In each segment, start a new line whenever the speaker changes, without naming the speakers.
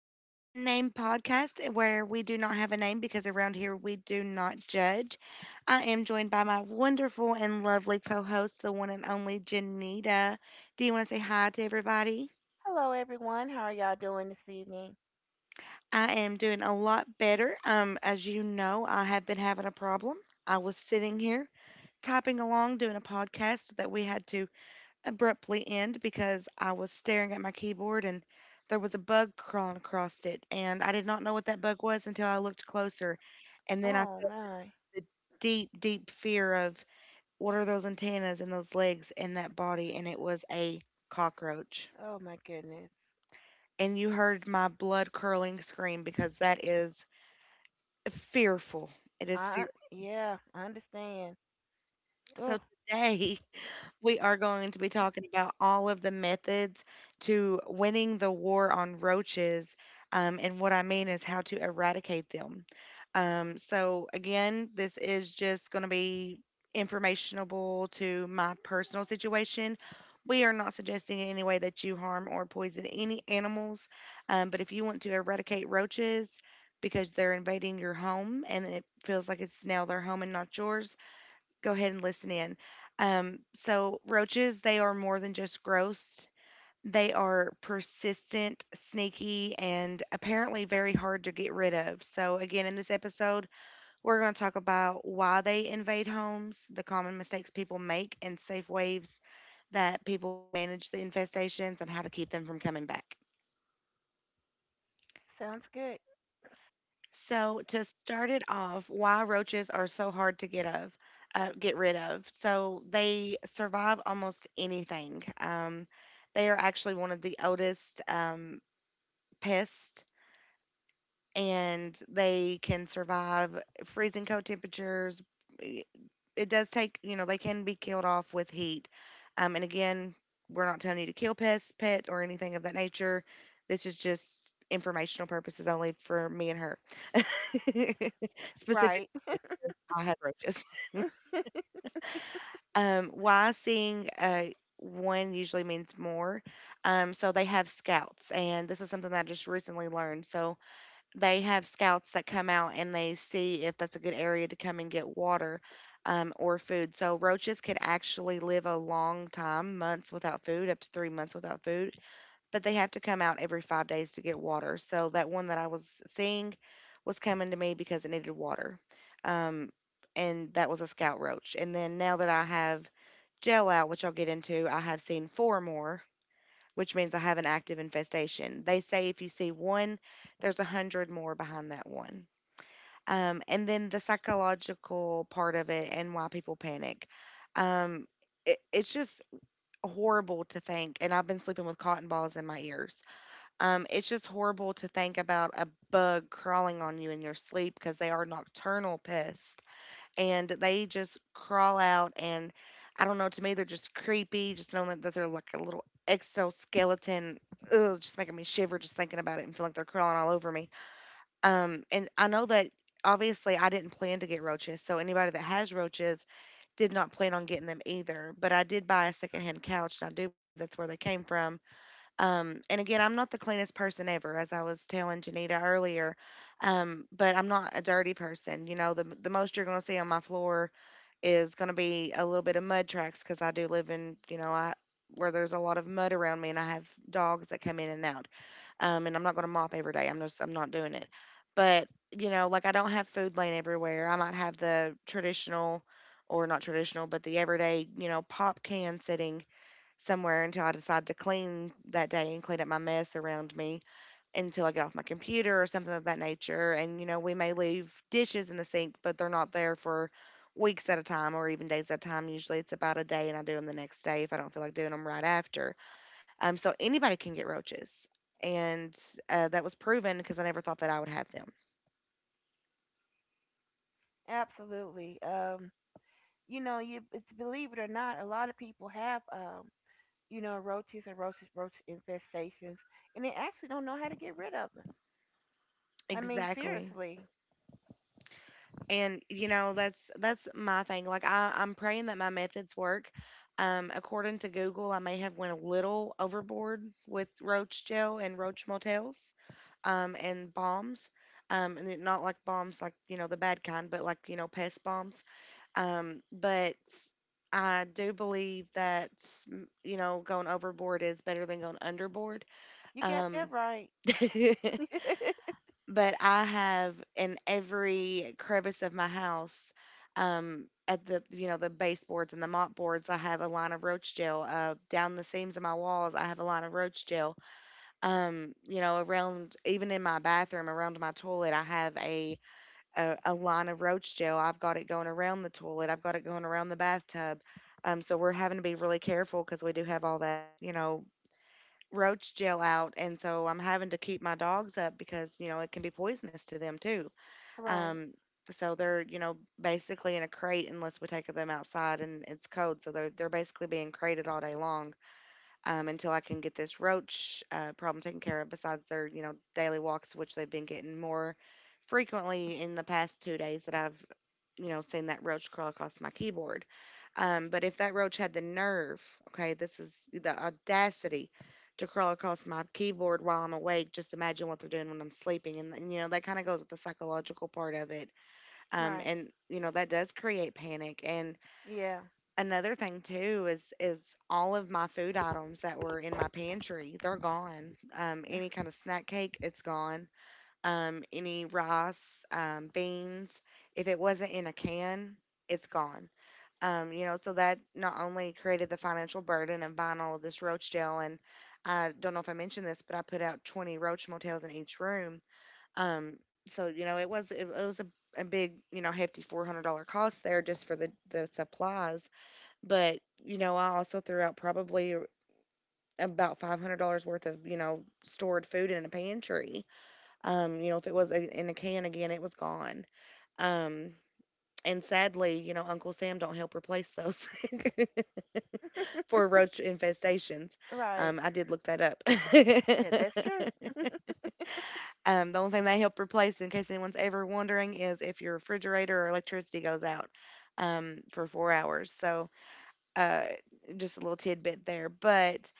to the Unnamed Podcast, where we do not have a name because around here we do not judge. I am joined by my wonderful and lovely co host, the one and only Janita. Do you want to say hi to everybody?
Hello, everyone. How are y'all doing this evening?
I am doing a lot better. As you know, I have been having a problem. I was sitting here typing along doing a podcast that we had to abruptly end because I was staring at my keyboard and there was a bug crawling across it. And I did not know what that bug was until I looked closer. And then I
Oh
felt the
my,
the deep, deep fear of what are those antennas and those legs and that body. And it was a cockroach.
oh my goodness.
And you heard my blood curling scream because that is fearful. It is fear.
I Yeah, I understand.
So
Oh,
today, we are going to be talking about all of the methods to winning the war on roaches. And what I mean is how to eradicate them. Again, this is just going to be informational to my personal situation. We are not suggesting in any way that you harm or poison any animals. But if you want to eradicate roaches because they're invading your home and it feels like it's now their home and not yours, go ahead and listen in. Roaches, they are more than just gross. They are persistent, sneaky, and apparently very hard to get rid of. So, again, in this episode, we're going to talk about why they invade homes, the common mistakes people make, and safe ways that people manage the infestations and how to keep them from coming back.
sounds good.
So to start it off, why roaches are so hard to get rid of. So they survive almost anything. They are actually one of the oldest pests, and they can survive freezing cold temperatures. I- It does take, you know, they can be killed off with heat. And again, we're not telling you to kill pests, pet, or anything of that nature. This is just informational purposes only for me and her. Specifically
Right.
because I had roaches. Why seeing one usually means more. So they have scouts, and this is something that I just recently learned. So they have scouts that come out and they see if that's a good area to come and get water or food. So roaches could actually live a long time, months without food, up to 3 months without food, but they have to come out every 5 days to get water. So that one that I was seeing was coming to me because it needed water. Um, and that was a scout roach. And then now that I have gel out, which I'll get into, I have seen four more, which means I have an active infestation. They say if you see one, there's a hundred more behind that one. And then the psychological part of it and why people panic. Um, it's just horrible to think. And I've been sleeping with cotton balls in my ears. It's just horrible to think about a bug crawling on you in your sleep because they are nocturnal pests and they just crawl out. And I don't know, to me, they're just creepy, just knowing that they're like a little exoskeleton. Ugh, just making me shiver just thinking about it and feeling like they're crawling all over me. And I know that obviously I didn't plan to get roaches, so anybody that has roaches did not plan on getting them either. But I did buy a secondhand couch, and I do believe that's where they came from, and again, I'm not the cleanest person ever, as I was telling Janita earlier. But I'm not a dirty person. You know, the most you're gonna see on my floor is gonna be a little bit of mud tracks because I do live in, you know, I where there's a lot of mud around me, and I have dogs that come in and out. And I'm not gonna mop every day. I'm not doing it. But you know, like, I don't have food laying everywhere. I might have the traditional, or not traditional, but the everyday, you know, pop can sitting somewhere until I decide to clean that day and clean up my mess around me until I get off my computer or something of that nature. And, you know, we may leave dishes in the sink, but they're not there for weeks at a time or even days at a time. Usually it's about a day and I do them the next day if I don't feel like doing them right after. So anybody can get roaches. And That was proven because I never thought that I would have them.
Absolutely. You know, you it's believe it or not, a lot of people have you know, roach infestations, and they actually don't know how to get rid of them. I mean,
Exactly.
seriously,
And you know, that's my thing. I'm praying that my methods work. According to Google, I may have went a little overboard with roach gel and roach motels, and bombs. Not like bombs like, you know, the bad kind, but like, you know, pest bombs. But I do believe that you know, going overboard is better than going underboard.
you got
um,
that right.
but I have in every crevice of my house, at the, you know, the baseboards and the mop boards, I have a line of roach gel. Down the seams of my walls, I have a line of roach gel. You know, around, even in my bathroom, around my toilet, I have a line of roach gel. I've got it going around the toilet. I've got it going around the bathtub. So we're having to be really careful because we do have all that, you know, roach gel out, and so I'm having to keep my dogs up because, you know, it can be poisonous to them too.
Right,
um, so they're, you know, basically in a crate unless we take them outside and it's cold. So they're basically being crated all day long, until I can get this roach problem taken care of. Besides their, you know, daily walks, which they've been getting more frequently in the past 2 days that I've, you know, seen that roach crawl across my keyboard. But if that roach had the nerve, okay, this is the audacity to crawl across my keyboard while I'm awake. Just imagine what they're doing when I'm sleeping, you know, that kind of goes with the psychological part of it,
right.
and you know that does create panic. And
Yeah,
another thing too is all of my food items that were in my pantry, they're gone. Any kind of snack cake, it's gone. Any rice, beans, if it wasn't in a can, it's gone. You know, so that not only created the financial burden of buying all of this roach gel, and I don't know if I mentioned this, but I put out 20 roach motels in each room. So, you know, it was a big, you know, hefty $400 cost there just for the supplies. But you know, I also threw out probably about $500 worth of, you know, stored food in a pantry. You know, if it was in a can again, it was gone. Um. And sadly, you know, Uncle Sam don't help replace those for roach infestations.
right.
I did look that up.
Yeah, that's true.
The only thing they help replace, in case anyone's ever wondering, is if your refrigerator or electricity goes out, for 4 hours. Uh, just a little tidbit there. But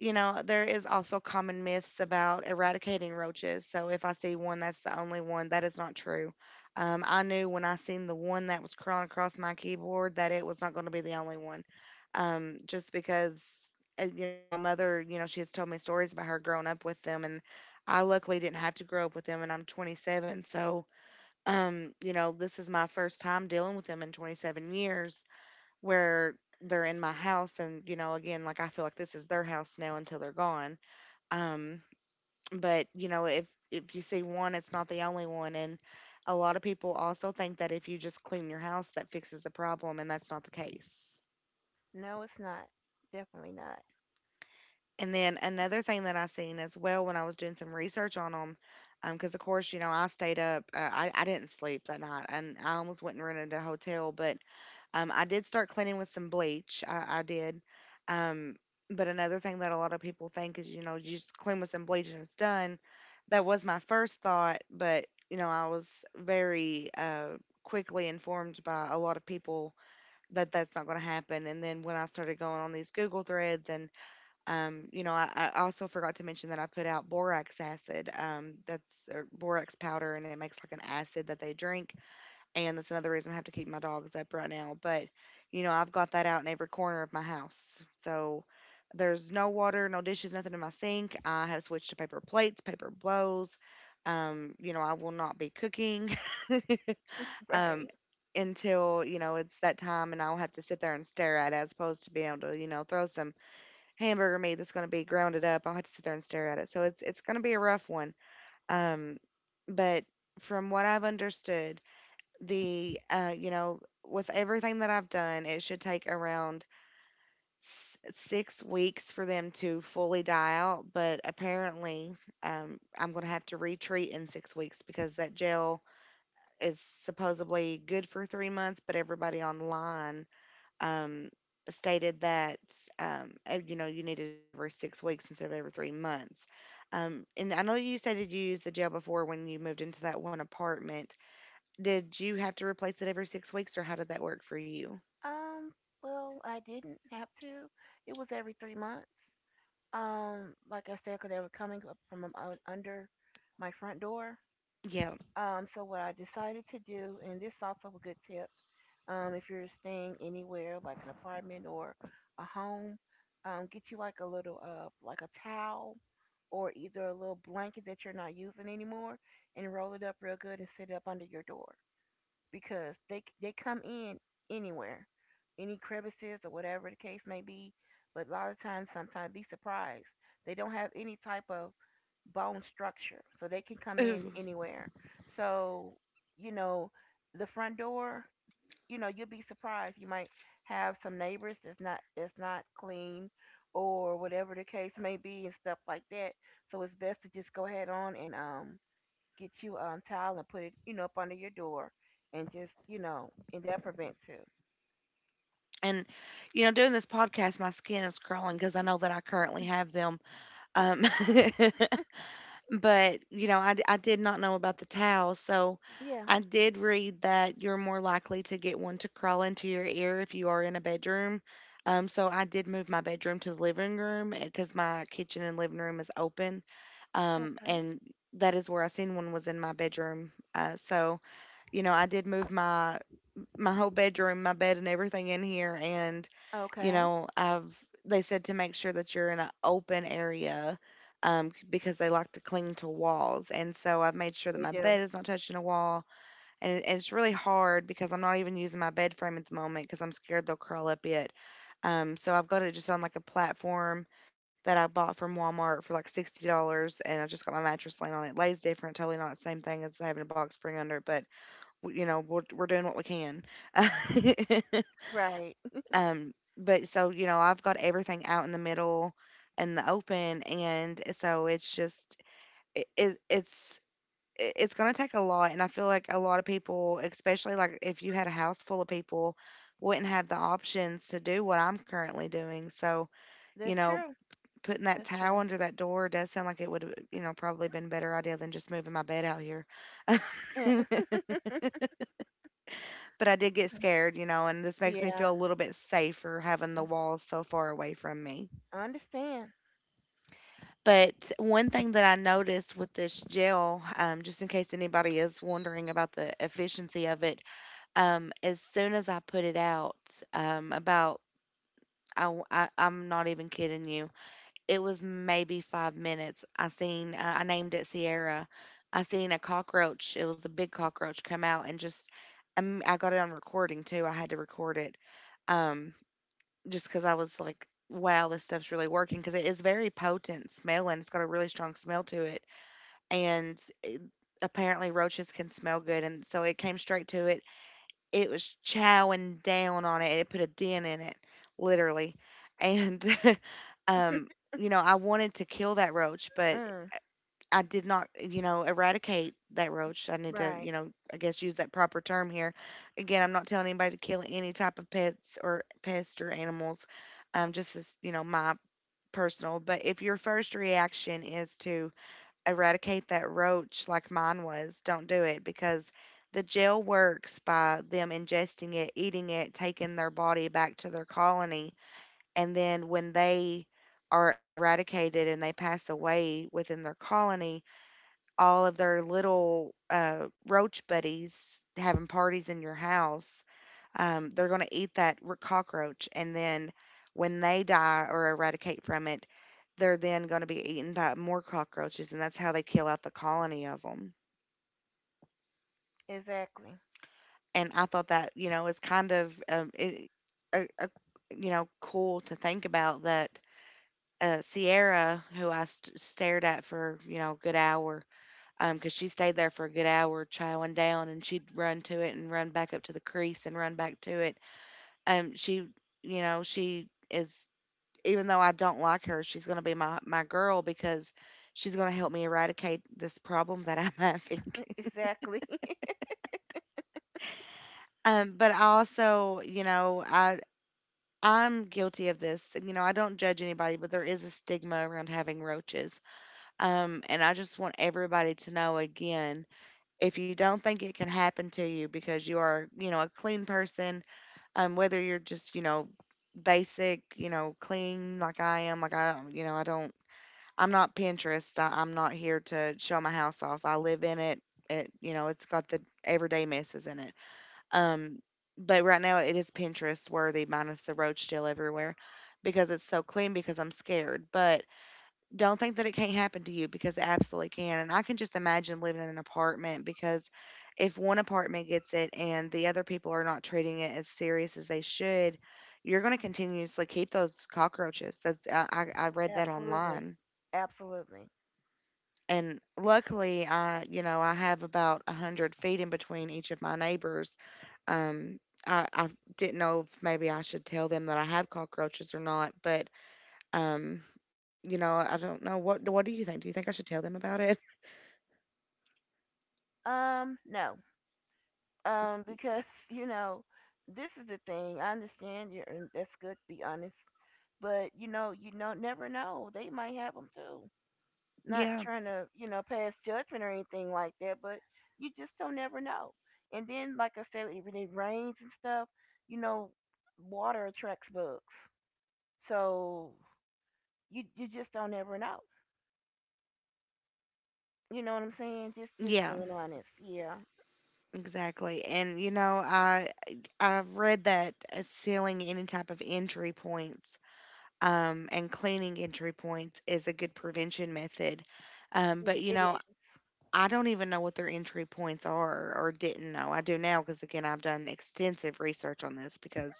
you know, there is also common myths about eradicating roaches. So if I see one, that's the only one. That is not true. I knew when I seen the one that was crawling across my keyboard that it was not going to be the only one. Just because, you know, my mother, you know, she has told me stories about her growing up with them, and I luckily didn't have to grow up with them, and I'm 27, so you know, this is my first time dealing with them in 27 years where they're in my house. And you know, again, like, I feel like this is their house now until they're gone. um but you know, if you see one, it's not the only one. And a lot of people also think that if you just clean your house, that fixes the problem, and that's not the case.
No, it's not. Definitely not.
And then another thing that I seen as well when I was doing some research on them, because of course, you know, I stayed up, I didn't sleep that night, and I almost went and rented a hotel. But um, I did start cleaning with some bleach. I did. Um, but another thing that a lot of people think is, you know, you just clean with some bleach and it's done. That was my first thought, but you know, I was very quickly informed by a lot of people that that's not going to happen. And then when I started going on these Google threads, and you know, I also forgot to mention that I put out borax acid. That's or borax powder, and it makes like an acid that they drink. And that's another reason I have to keep my dogs up right now. But you know, I've got that out in every corner of my house. So there's no water, no dishes, nothing in my sink. I have switched to paper plates, paper bowls. You know, I will not be cooking um,
Right.
until, you know, it's that time, and I'll have to sit there and stare at it, as opposed to being able to, you know, throw some hamburger meat that's going to be grounded up. I'll have to sit there and stare at it. So it's going to be a rough one. Um, but from what I've understood, the you know with everything that I've done, it should take around 6 weeks for them to fully die out. But apparently, I'm going to have to retreat in 6 weeks because that gel is supposedly good for 3 months. But everybody online um, stated that you know, you need to do it every 6 weeks instead of every 3 months. And I know you stated you used the gel before when you moved into that one apartment. Did you have to replace it every 6 weeks, or how did that work for you?
Um, well, I didn't have to. It was every 3 months. Like I said, 'cause they were coming up from under my front door.
Yeah.
So what I decided to do, and this is also a good tip, if you're staying anywhere like an apartment or a home, get you like a little like a towel, or either a little blanket that you're not using anymore, and roll it up real good and sit it up under your door, because they come in anywhere, any crevices or whatever the case may be. But a lot of times, sometimes be surprised. They don't have any type of bone structure, so they can come in
Ooh.
anywhere. So you know, the front door. You know, you'll be surprised. You might have some neighbors that's not clean, or whatever the case may be, and stuff like that. So it's best to just go ahead on and get you a towel and put it, you know, up under your door and just, you know, and that prevents too.
And, you know, doing this podcast, my skin is crawling because I know that I currently have them. Um, but, you know, I did not know about the towel. So
Yeah.
I did read that you're more likely to get one to crawl into your ear if you are in a bedroom. So I did move my bedroom to the living room because my kitchen and living room is open.
Okay.
And that is where I seen one was in my bedroom. So you know, I did move my whole bedroom, my bed and everything in here. And you
Okay.
know, I've, they said to make sure that you're in an open area because they like to cling to walls. And so I've made sure that
They
my
do.
bed is not touching a wall. And, it's really hard because I'm not even using my bed frame at the moment because I'm scared they'll curl up it. So I've got it just on like a platform that I bought from Walmart for like $60. And I just got my mattress laying on it. Lays different, totally not the same thing as having a box spring under it. But you know, we're doing what we can.
Right.
But so you know, I've got everything out in the middle and the open, and so it's just it, it it's it's going to take a lot, and I feel like a lot of people, especially like if you had a house full of people, wouldn't have the options to do what I'm currently doing. So you
That's
know.
true.
Putting that
That's
towel
true.
under that door does sound like it would, you know, probably been a better idea than just moving my bed out here.
Yeah.
But I did get scared, you know, and this makes me
Yeah.
feel a little bit safer having the walls so far away from me.
I understand.
But one thing that I noticed with this gel, just in case anybody is wondering about the efficiency of it, as soon as I put it out, about I am not even kidding you. It was maybe 5 minutes. I seen, I named it Sierra. I seen a cockroach. It was a big cockroach come out and just, I got it on recording too. I had to record it. Um, just because I was like, wow, this stuff's really working because it is very potent smelling. It's got a really strong smell to it. And it, apparently roaches can smell good. And so it came straight to it. It was chowing down on it. It put a dent in it, literally. And, um, you know, I wanted to kill that roach, but
Mm,
I did not, you know, eradicate that roach. I need to,
right.
you know, I guess use that proper term here. Again, I'm not telling anybody to kill any type of pets or pest or animals. Just as, you know, my personal. But if your first reaction is to eradicate that roach like mine was, don't do it, because the gel works by them ingesting it, eating it, taking their body back to their colony. And then when they are eradicated and they pass away within their colony, all of their little roach buddies having parties in your house, they're going to eat that cockroach. And then when they die or eradicate from it, they're then going to be eaten by more cockroaches. And that's how they kill out the colony of them.
Exactly.
And I thought that, you know, is kind of, a, a, you know, cool to think about that Sierra, who I stared at for, you know, a good hour. Because she stayed there for a good hour chowing down, and she'd run to it and run back up to the crease and run back to it. Um, she, you know, she is, even though I don't like her, she's going to be my girl because she's going to help me eradicate this problem that I'm having.
Exactly.
But I also, you know, I'm guilty of this. You know, I don't judge anybody, but there is a stigma around having roaches. And I just want everybody to know again, if you don't think it can happen to you because you are, you know, a clean person, whether you're just, you know, basic, you know, clean like I am, like I don't, you know, I don't, I'm not Pinterest. I'm not here to show my house off. I live in it. It, you know, it's got the everyday messes in it. Um, but right now it is Pinterest worthy minus the roach still everywhere because it's so clean because I'm scared. But don't think that it can't happen to you because it absolutely can. And I can just imagine living in an apartment because if one apartment gets it and the other people are not treating it as serious as they should, you're going to continuously keep those cockroaches. That's I read that
Absolutely.
online.
Absolutely.
And luckily, I, you know, I have about 100 feet in between each of my neighbors. Um, I didn't know if maybe I should tell them that I have cockroaches or not, but um, you know, I don't know, what do you think? Do you think I should tell them about it?
No. Because, you know, this is the thing. I understand you're And that's good to be honest. But you know never know. They might have them too. Not
Yeah.
trying to, you know, pass judgment or anything like that, but you just don't never know. And then, like I said, when it rains and stuff, you know, water attracts bugs. So you just don't ever know. You know what I'm saying? Just
Yeah,
being honest. Yeah,
exactly. And you know, I've read that sealing any type of entry points and cleaning entry points is a good prevention method.
it
But you
it
know,
is
I don't even know what their entry points are, or didn't know. I do now because again, I've done extensive research on this because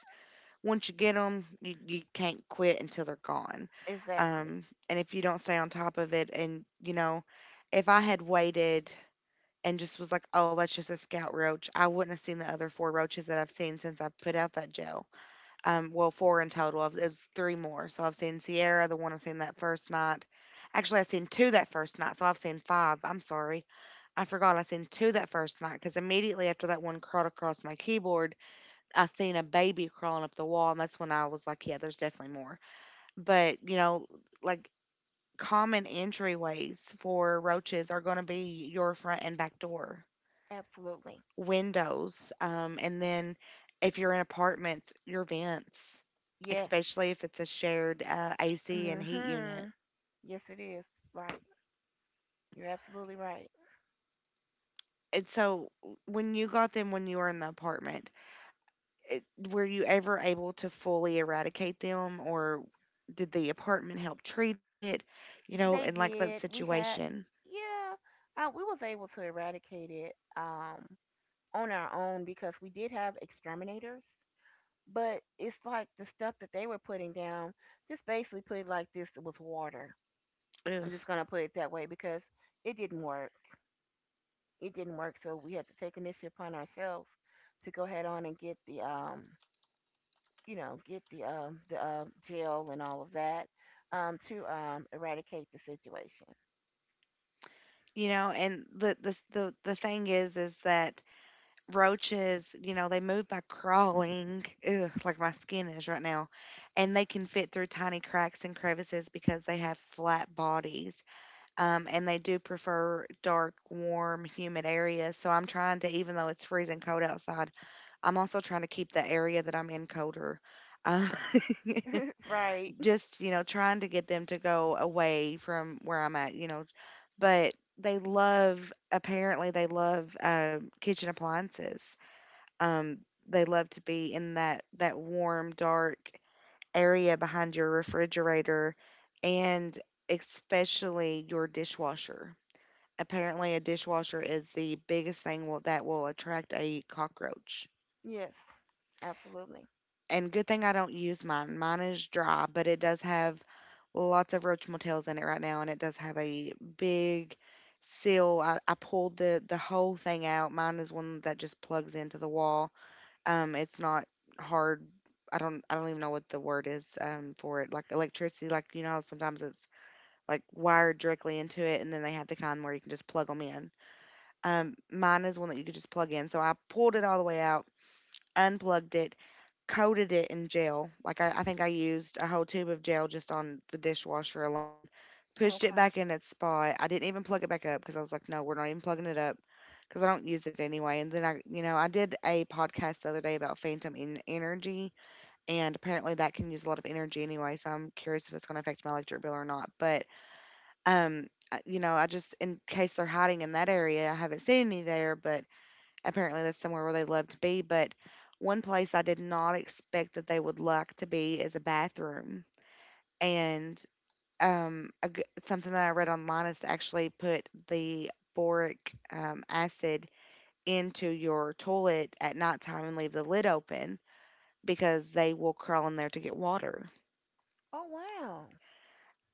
once you get them, you can't quit until they're gone.
exactly,
Um, and if you don't stay on top of it, and you know, if I had waited and just was like, oh, that's just a scout roach, I wouldn't have seen the other four roaches that I've seen since I put out that gel. Well, four in total. It's three more. So I've seen Sierra, the one I've seen that first night. Actually, I've seen two that first night, so I've seen five. I'm sorry. I forgot I seen two that first night because immediately after that one crawled across my keyboard, I seen a baby crawling up the wall, and that's when I was like, yeah, there's definitely more. But, you know, like, common entryways for roaches are going to be your front and back door,
absolutely.
windows, and then if you're in apartments, your vents,
Yes.
especially if it's a shared AC and heat unit.
Mhm. Yes, it is. Right. You're absolutely right.
And so when you got them when you were in the apartment, eh, were you ever able to fully eradicate them, or did the apartment help treat it, you know,
They
and like that
did. We had.
situation?
Yeah. We was able to eradicate it. On our own, because we did have exterminators, but it's like the stuff that they were putting down. Just basically put it like this: it was water. I'm
Ugh.
just gonna put it that way because it didn't work. It didn't work, so we had to take initiative upon ourselves to go ahead on and get the you know, get the jail and all of that to eradicate the situation.
You know and the thing is that roaches, they move by crawling. Ugh, like my skin is right now. And they can fit through tiny cracks and crevices because they have flat bodies. And they do prefer dark, warm, humid areas, so I'm trying to, even though it's freezing cold outside, I'm also trying to keep the area that I'm in colder. Um,
Right?
just, trying to get them to go away from where I'm at, But they love, apparently, they love kitchen appliances. Um, they love to be in that warm, dark area behind your refrigerator and especially your dishwasher. Apparently, a dishwasher is the biggest thing that will attract a cockroach.
Yes, absolutely.
And good thing I don't use mine. Mine is dry, but it does have lots of roach motels in it right now, and it does have a big seal. I pulled the whole thing out. Mine is one that just plugs into the wall. It's not hard. I don't even know what the word is for it. Like electricity, like how sometimes it's like wired directly into it, and then they have the kind where you can just plug them in. Mine is one that you could just plug in. So I pulled it all the way out, unplugged it, coated it in gel. Like I think I used a whole tube of gel just on the dishwasher alone. Pushed it
Okay.
back in its spot. I didn't even plug it back up because I was like, no, we're not even plugging it up because I don't use it anyway. And then I did a podcast the other day about energy, and apparently that can use a lot of energy anyway. So I'm curious if it's going to affect my electric bill or not. But um, I, just in case they're hiding in that area, I haven't seen any there, but apparently, that's somewhere where they love to be. But one place I did not expect that they would like to be is a bathroom. And a g something that I read online is to actually put the boric acid into your toilet at nighttime and leave the lid open because they will crawl in there to get water.
Oh wow.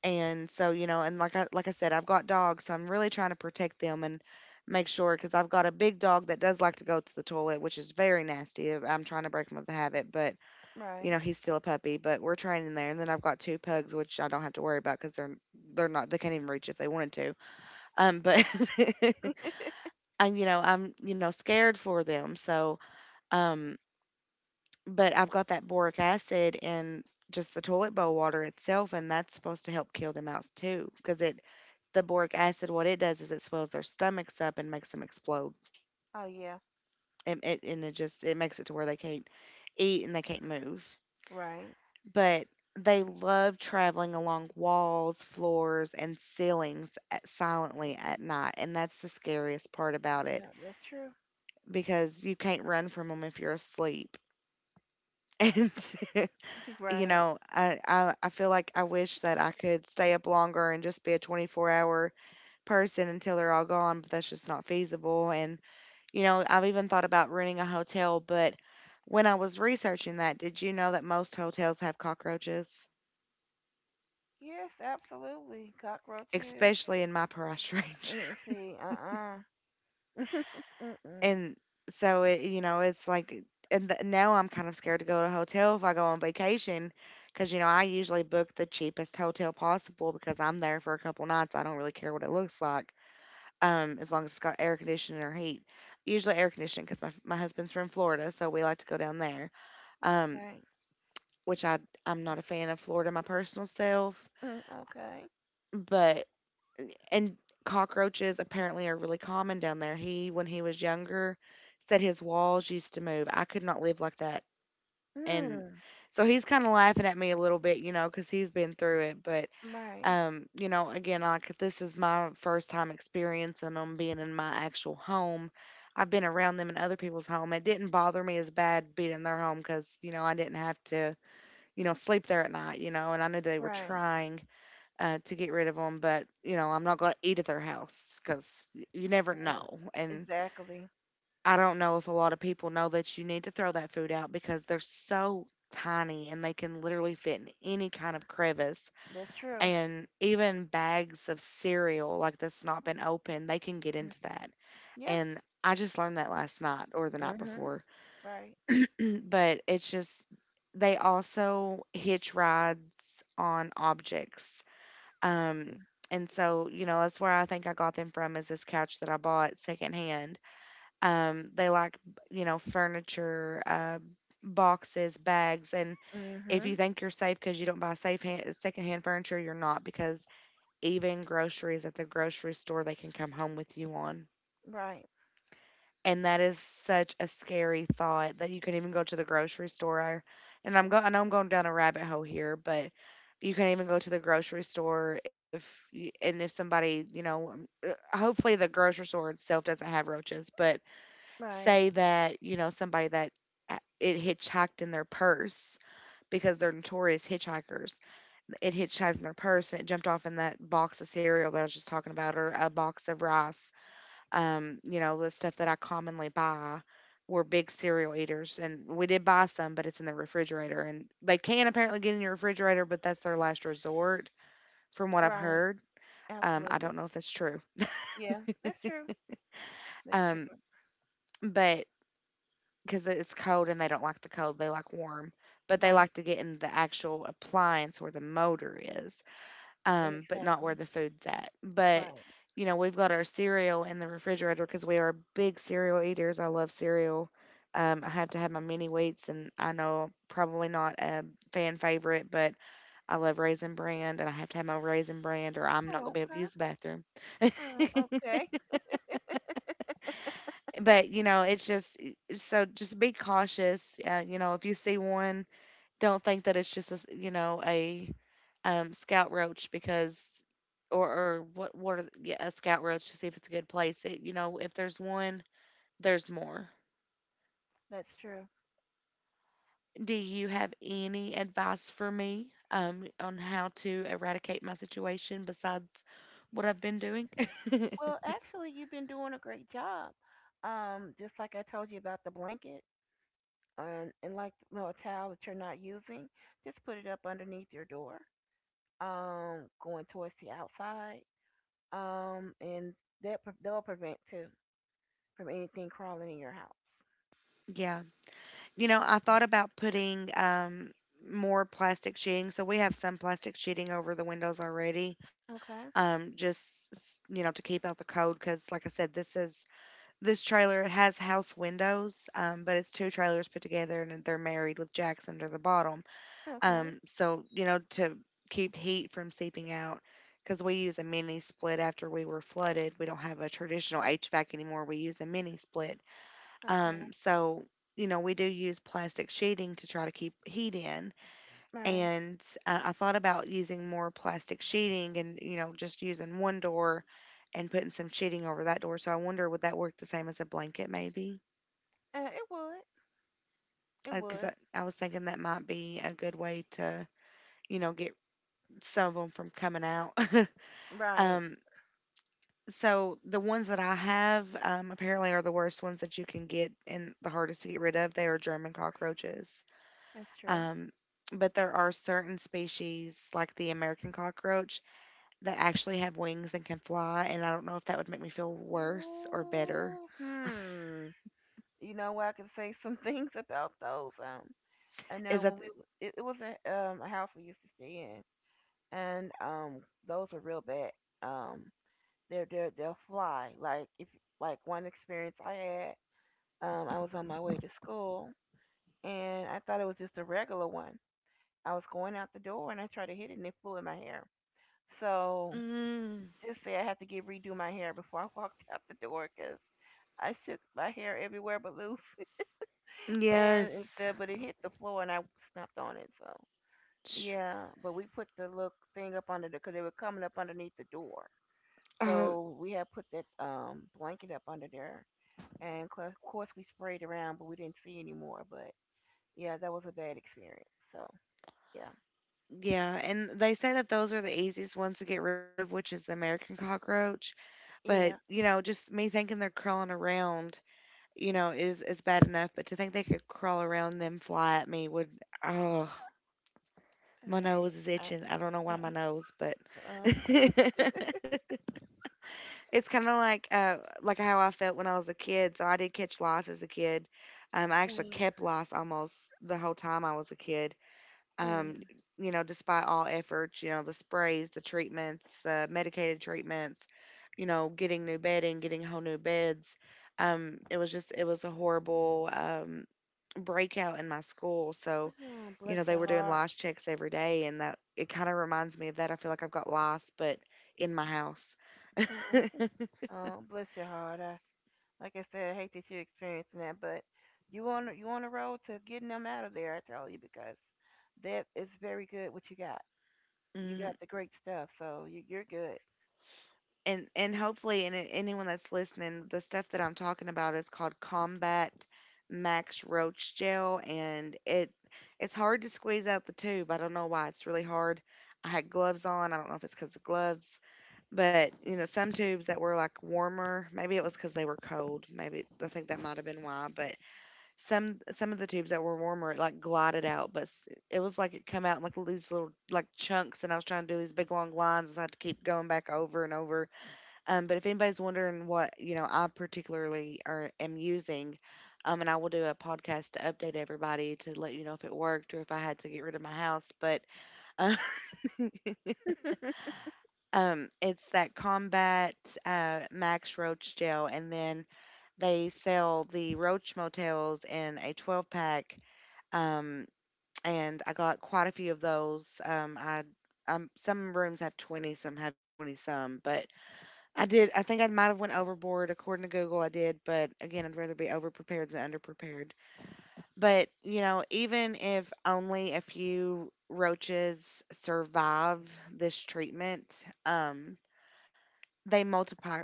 And so, and like I said, I've got dogs, so I'm really trying to protect them and make sure, because I've got a big dog that does like to go to the toilet, which is very nasty. I'm trying to break him of the habit, but
Right.
he's still a puppy, but we're training there. And then I've got two pugs, which I don't have to worry about because they can't even reach if they wanted to. But and I'm, scared for them. So, um, but I've got that boric acid in just the toilet bowl water itself, and that's supposed to help kill the mouse too, because it the boric acid, what it does is it swells their stomachs up and makes them explode.
Oh yeah.
And it just, it makes it to where they can't eat and they can't move.
Right.
But they love traveling along walls, floors, and ceilings silently at night, and that's the scariest part about it
Yeah, that's true.
because you can't run from them if you're asleep. And
Right.
I feel like I wish that I could stay up longer and just be a 24-hour person until they're all gone, but that's just not feasible. And I've even thought about renting a hotel, but when I was researching that, did you know that most hotels have cockroaches,
Yes, absolutely. Cockroaches.
especially in my price range?
You see, uh-uh. Mm-mm.
And so, it's like, now I'm kind of scared to go to a hotel if I go on vacation, because I usually book the cheapest hotel possible because I'm there for a couple nights. I don't really care what it looks like, as long as it's got air conditioning or heat. Usually air conditioning because my husband's from Florida, so we like to go down there. Um,
Right.
which I I'm not a fan of Florida, my personal self,
Mm, okay.
but and cockroaches apparently are really common down there. He When he was younger, said his walls used to move. I could not live like that. And
Mm,
so he's kind of laughing at me a little bit, cuz he's been through it, but
right.
again, like, this is my first time experiencing them being in my actual home. I've been around them in other people's home. It didn't bother me as bad being in their home cuz, I didn't have to, sleep there at night, and I knew they were
Right.
trying to get rid of them, but, I'm not going to eat at their house because you never
Yeah,
know. And
exactly.
I don't know if a lot of people know that you need to throw that food out because they're so tiny and they can literally fit in any kind of crevice.
That's true.
And even bags of cereal, like, that's not been opened, they can get into that.
Yeah.
And I just learned that last night or the night
Mm-hmm.
before.
Right.
But it's just, they also hitch rides on objects. Um, and so, that's where I think I got them from, is this couch that I bought secondhand. They like, furniture, boxes, bags. And if
Mm-hmm.
you think you're safe because you don't buy secondhand furniture, you're not, because even groceries at the grocery store, they can come home with you on.
Right.
And that is such a scary thought that you can even go to the grocery store. And I know I'm going down a rabbit hole here, but you can even go to the grocery store if and if somebody, hopefully the grocery store itself doesn't have roaches, but
Right.
say that, somebody that it hitchhiked in their purse, because they're notorious hitchhikers. It hitchhiked in their purse and it jumped off in that box of cereal that I was just talking about, or a box of rice, the stuff that I commonly buy, we're big cereal eaters, and we did buy some, but it's in the refrigerator, and they can apparently get in your refrigerator, but that's their last resort, from what I've
Right.
heard. I don't
Absolutely.
know if that's true.
Yeah, that's true. That's true.
Um, but because it's cold and they don't like the cold, they like warm, but they
Right.
like to get in the actual appliance where the motor is. Um, but not where
Exactly.
the food's at. But
Right.
we've got our cereal in the refrigerator because we are big cereal eaters. I love cereal. I have to have my mini wheats, and I know probably not a fan favorite, but I love Raisin Bran, and I have to have my Raisin Bran, or I'm not
Oh,
gonna be able to
okay.
use the bathroom.
Oh, okay.
But it's just, eh, so just be cautious. If you see one, don't think that it's just a, a, scout roach because, or what are the, yeah, a scout roach to see if it's a good place. It, if there's one, there's more.
That's true.
Do you have any advice for me on how to eradicate my situation besides what I've been doing?
Well, actually, you've been doing a great job. Just like I told you about the blanket and like you know, a towel that you're not using, just put it up underneath your door, going towards the outside, and that'll prevent too from anything crawling in your house.
Yeah. I thought about putting more plastic sheeting. So we have some plastic sheeting over the windows already.
Okay,
Um, just, to keep out the cold, cuz like I said, this is, this trailer has house windows, but it's two trailers put together and they're married with jacks under the bottom.
okay,
So, to keep heat from seeping out, because we use a mini split after we were flooded. We don't have a traditional HVAC anymore. We use a mini split.
okay.
So, we do use plastic sheeting to try to keep heat in.
Right.
And I thought about using more plastic sheeting and, just using one door and putting some sheeting over that door. So I wonder, would that work the same as a blanket maybe?
It would. It
Because
would.
I was thinking that might be a good way to, get some of them from coming out.
Right.
Um, so the ones that I have, apparently are the worst ones that you can get and the hardest to get rid of. They are German cockroaches.
That's true.
Um, but there are certain species like the American cockroach that actually have wings and can fly, and I don't know if that would make me feel worse or better.
Ooh, hmm. You know, I can say some things about those. I
Is
know
that
when we it, it was a house we used to stay in, and those were real bad. Um, they're they'll fly. Like if like one experience I had, I was on my way to school and I thought it was just a regular one. I was going out the door and I tried to hit it and it flew in my hair. So
mm,
just say I had to get redo my hair before I walked out the door because I shook my hair everywhere but loose and
yes.
instead, but it hit the floor and I snapped on it. So
Sh-
yeah, but we put the little thing up under there because they were coming up underneath the door.
Uh,
So we had put that blanket up under there, and of course we sprayed around, but we didn't see anymore. But yeah, that was a bad experience. So yeah,
yeah, and they say that those are the easiest ones to get rid of, which is the American cockroach. But
yeah,
just me thinking they're crawling around, is bad enough. But to think they could crawl around and then fly at me would, oh,
all
my
right.
nose is
Uh,
itching. I don't know why
uh,
my nose, but
uh,
It's kinda like how I felt when I was a kid, so I did catch lice as a kid. I actually
uh,
kept lice almost the whole time I was a kid,
uh,
um, despite all efforts, the sprays, the treatments, the medicated treatments, getting new bedding, getting whole new beds. It was just it was a horrible, breakout in my school, so,
oh, bless
they
your
were doing
heart.
lice checks every day, and that it kinda reminds me of that. I feel like I've got lice, but in my house.
Uh, Bless your heart. Like I said, I hate that you're experiencing that, but you on the road to getting them out of there. I tell you because that is very good what you got. You
Mhm.
got the great stuff, so you're good.
And hopefully, and anyone that's listening, the stuff that I'm talking about is called Combat Max Roach Gel, and it's hard to squeeze out the tube. I don't know why it's really hard. I had gloves on. I don't know if it's because the gloves, but you know, some tubes that were like warmer, maybe it was because they were cold, maybe, I think that might have been why. But some of the tubes that were warmer, it like glided out, but it was like it come out in like these little like chunks, and I was trying to do these big long lines, and so I had to keep going back over and over. But if anybody's wondering what, I particularly are am using, and I will do a podcast to update everybody to let you know if it worked or if I had to get rid of my house. But uh, it's that Combat Max Roach Gel, and then they sell the Roach Motels in a 12 pack. Um, and I got quite a few of those. I Some rooms have 20, some have 20 some, but I did. I think I might have went overboard. According to Google, I did. But again, I'd rather be overprepared than underprepared. But, even if only a few roaches survive this treatment, they multiply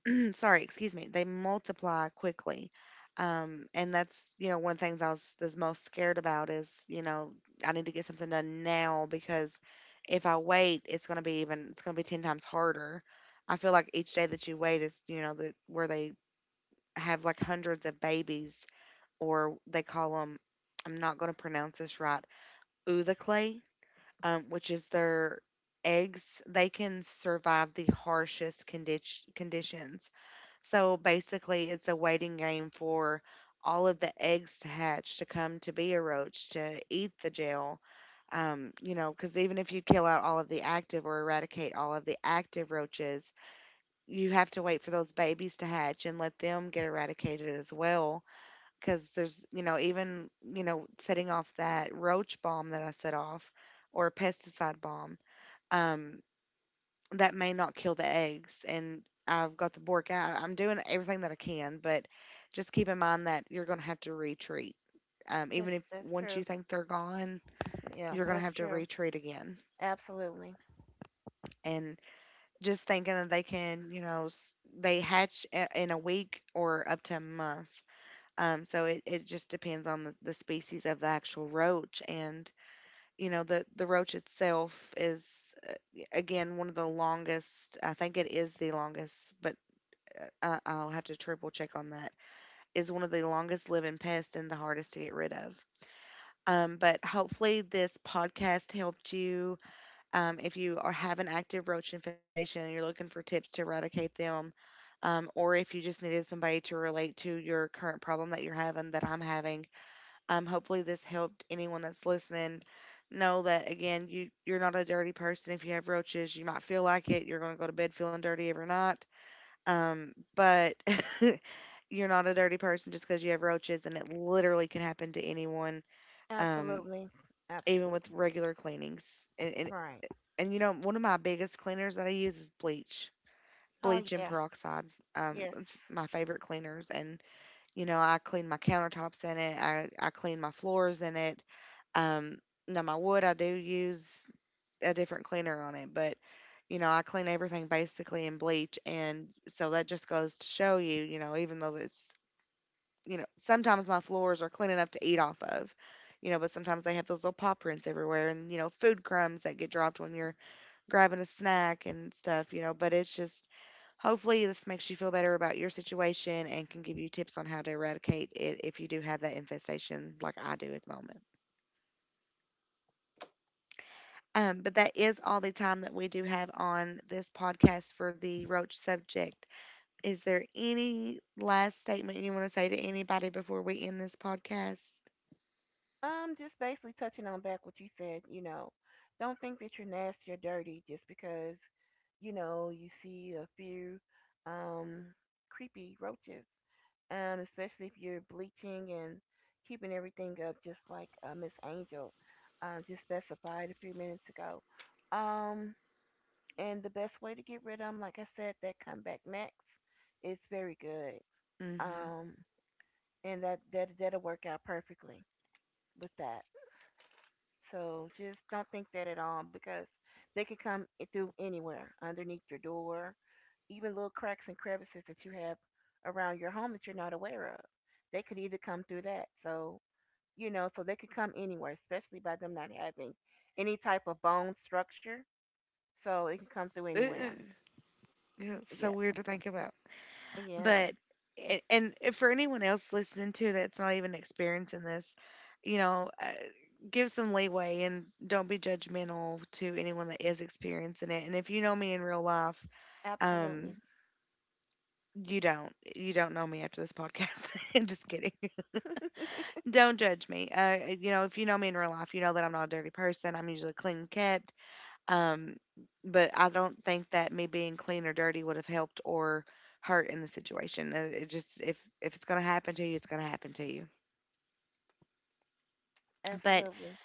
sorry, excuse me, they multiply quickly. And that's, one of the things I was the most scared about is, I need to get something done now, because if I wait, it's going to be 10 times harder. I feel like each day that you wait is, where they have like hundreds of babies, or they call them, I'm not going to pronounce this right, oodaclae, which is their eggs. They can survive the harshest conditions. So basically, it's a waiting game for all of the eggs to hatch, to come to be a roach, to eat the gel. Because even if you kill out all of the active, or eradicate all of the active roaches, you have to wait for those babies to hatch and let them get eradicated as well. Because there's, setting off that roach bomb that I set off, or pesticide bomb. Um, that may not kill the eggs. And I've got the Bork out. I'm doing everything that I can, but just keep in mind that you're going to have to retreat. Even if
That's
once you
true.
think they're gone,
Yeah,
you're going to
that's
have to
true.
retreat again.
Absolutely,
And just thinking that they can, they hatch in a week or up to a month. So it just depends on the species of the actual roach. And, the roach itself is, uh, again, one of the longest, I think it is the longest, but I'll have to triple check on that, is one of the longest living pests and the hardest to get rid of. But hopefully, this podcast helped you. If you are, have an active roach infestation and you're looking for tips to eradicate them, or if you just needed somebody to relate to your current problem that you're having, that I'm having, hopefully, this helped anyone that's listening know that again, you're not a dirty person. If you have roaches, you might feel like it. You're going to go to bed feeling dirty every night. But you're not a dirty person just because you have roaches, and it literally can happen to anyone, um,
absolutely,
even with
absolutely.
regular cleanings. And, and
Right.
and you know, one of my biggest cleaners that I use is bleach,
Oh
bleach and
yeah.
peroxide.
Yes.
It's my favorite cleaners, and you know, I clean my countertops in it. I clean my floors in it. Um, Now my wood I do use a different cleaner on it, but you know, I clean everything basically in bleach. And so that just goes to show you, you know, even though it's, you know, sometimes my floors are clean enough to eat off of. You know, but sometimes they have those little paw prints everywhere and, you know, food crumbs that get dropped when you're grabbing a snack and stuff, you know, but it's just, hopefully this makes you feel better about your situation and can give you tips on how to eradicate it if you do have that infestation like I do at the moment. But that is all the time that we do have on this podcast for the roach subject. Is there any last statement you want to say to anybody before we end this podcast?
Just basically touching on back what you said. You know, don't think that you're nasty or dirty just because you know you see a few um creepy roaches. Especially if you're bleaching and keeping everything up, just like Miss Angel just specified a few minutes ago. Um, And the best way to get rid of them, like I said, that comeback max is very good.
Mm-hmm.
Um, and that'll work out perfectly with that. So just don't think that at all because they could come through anywhere, underneath your door, even little cracks and crevices that you have around your home that you're not aware of. They could either come through that. So you know, so they could come anywhere, especially by them not having any type of bone structure. So it can come through
Yeah,
anywhere.
it's so
Yeah.
weird to think about.
Yeah.
But and if for anyone else listening to, that's not even experiencing this, you know, uh, give some leeway and don't be judgmental to anyone that is experiencing it. And if you know me in real life,
Absolutely.
um, you don't. You don't know me after this podcast. I'm just kidding. Don't judge me. You know, if you know me in real life, you know that I'm not a dirty person. I'm usually clean kept. Um, but I don't think that me being clean or dirty would have helped or hurt in the situation. It just, if it's gonna happen to you, it's gonna happen to you. But
Absolutely.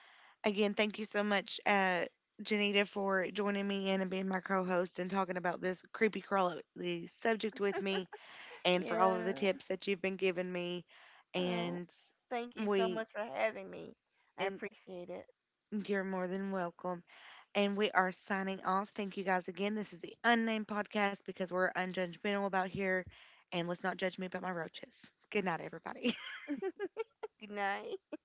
again, thank you so much, Janita, for joining me in and being my co-host and talking about this creepy crawly subject with me, and for all of
Yeah.
the tips that you've been giving me.
Uh,
And
thank you so
we,
much for having me. I
and
appreciate it.
you're more than welcome. And we are signing off. Thank you guys again. This is the Unnamed Podcast, because we're unjudgmental about here. And let's not judge me about my roaches. Good night, everybody.
Good night.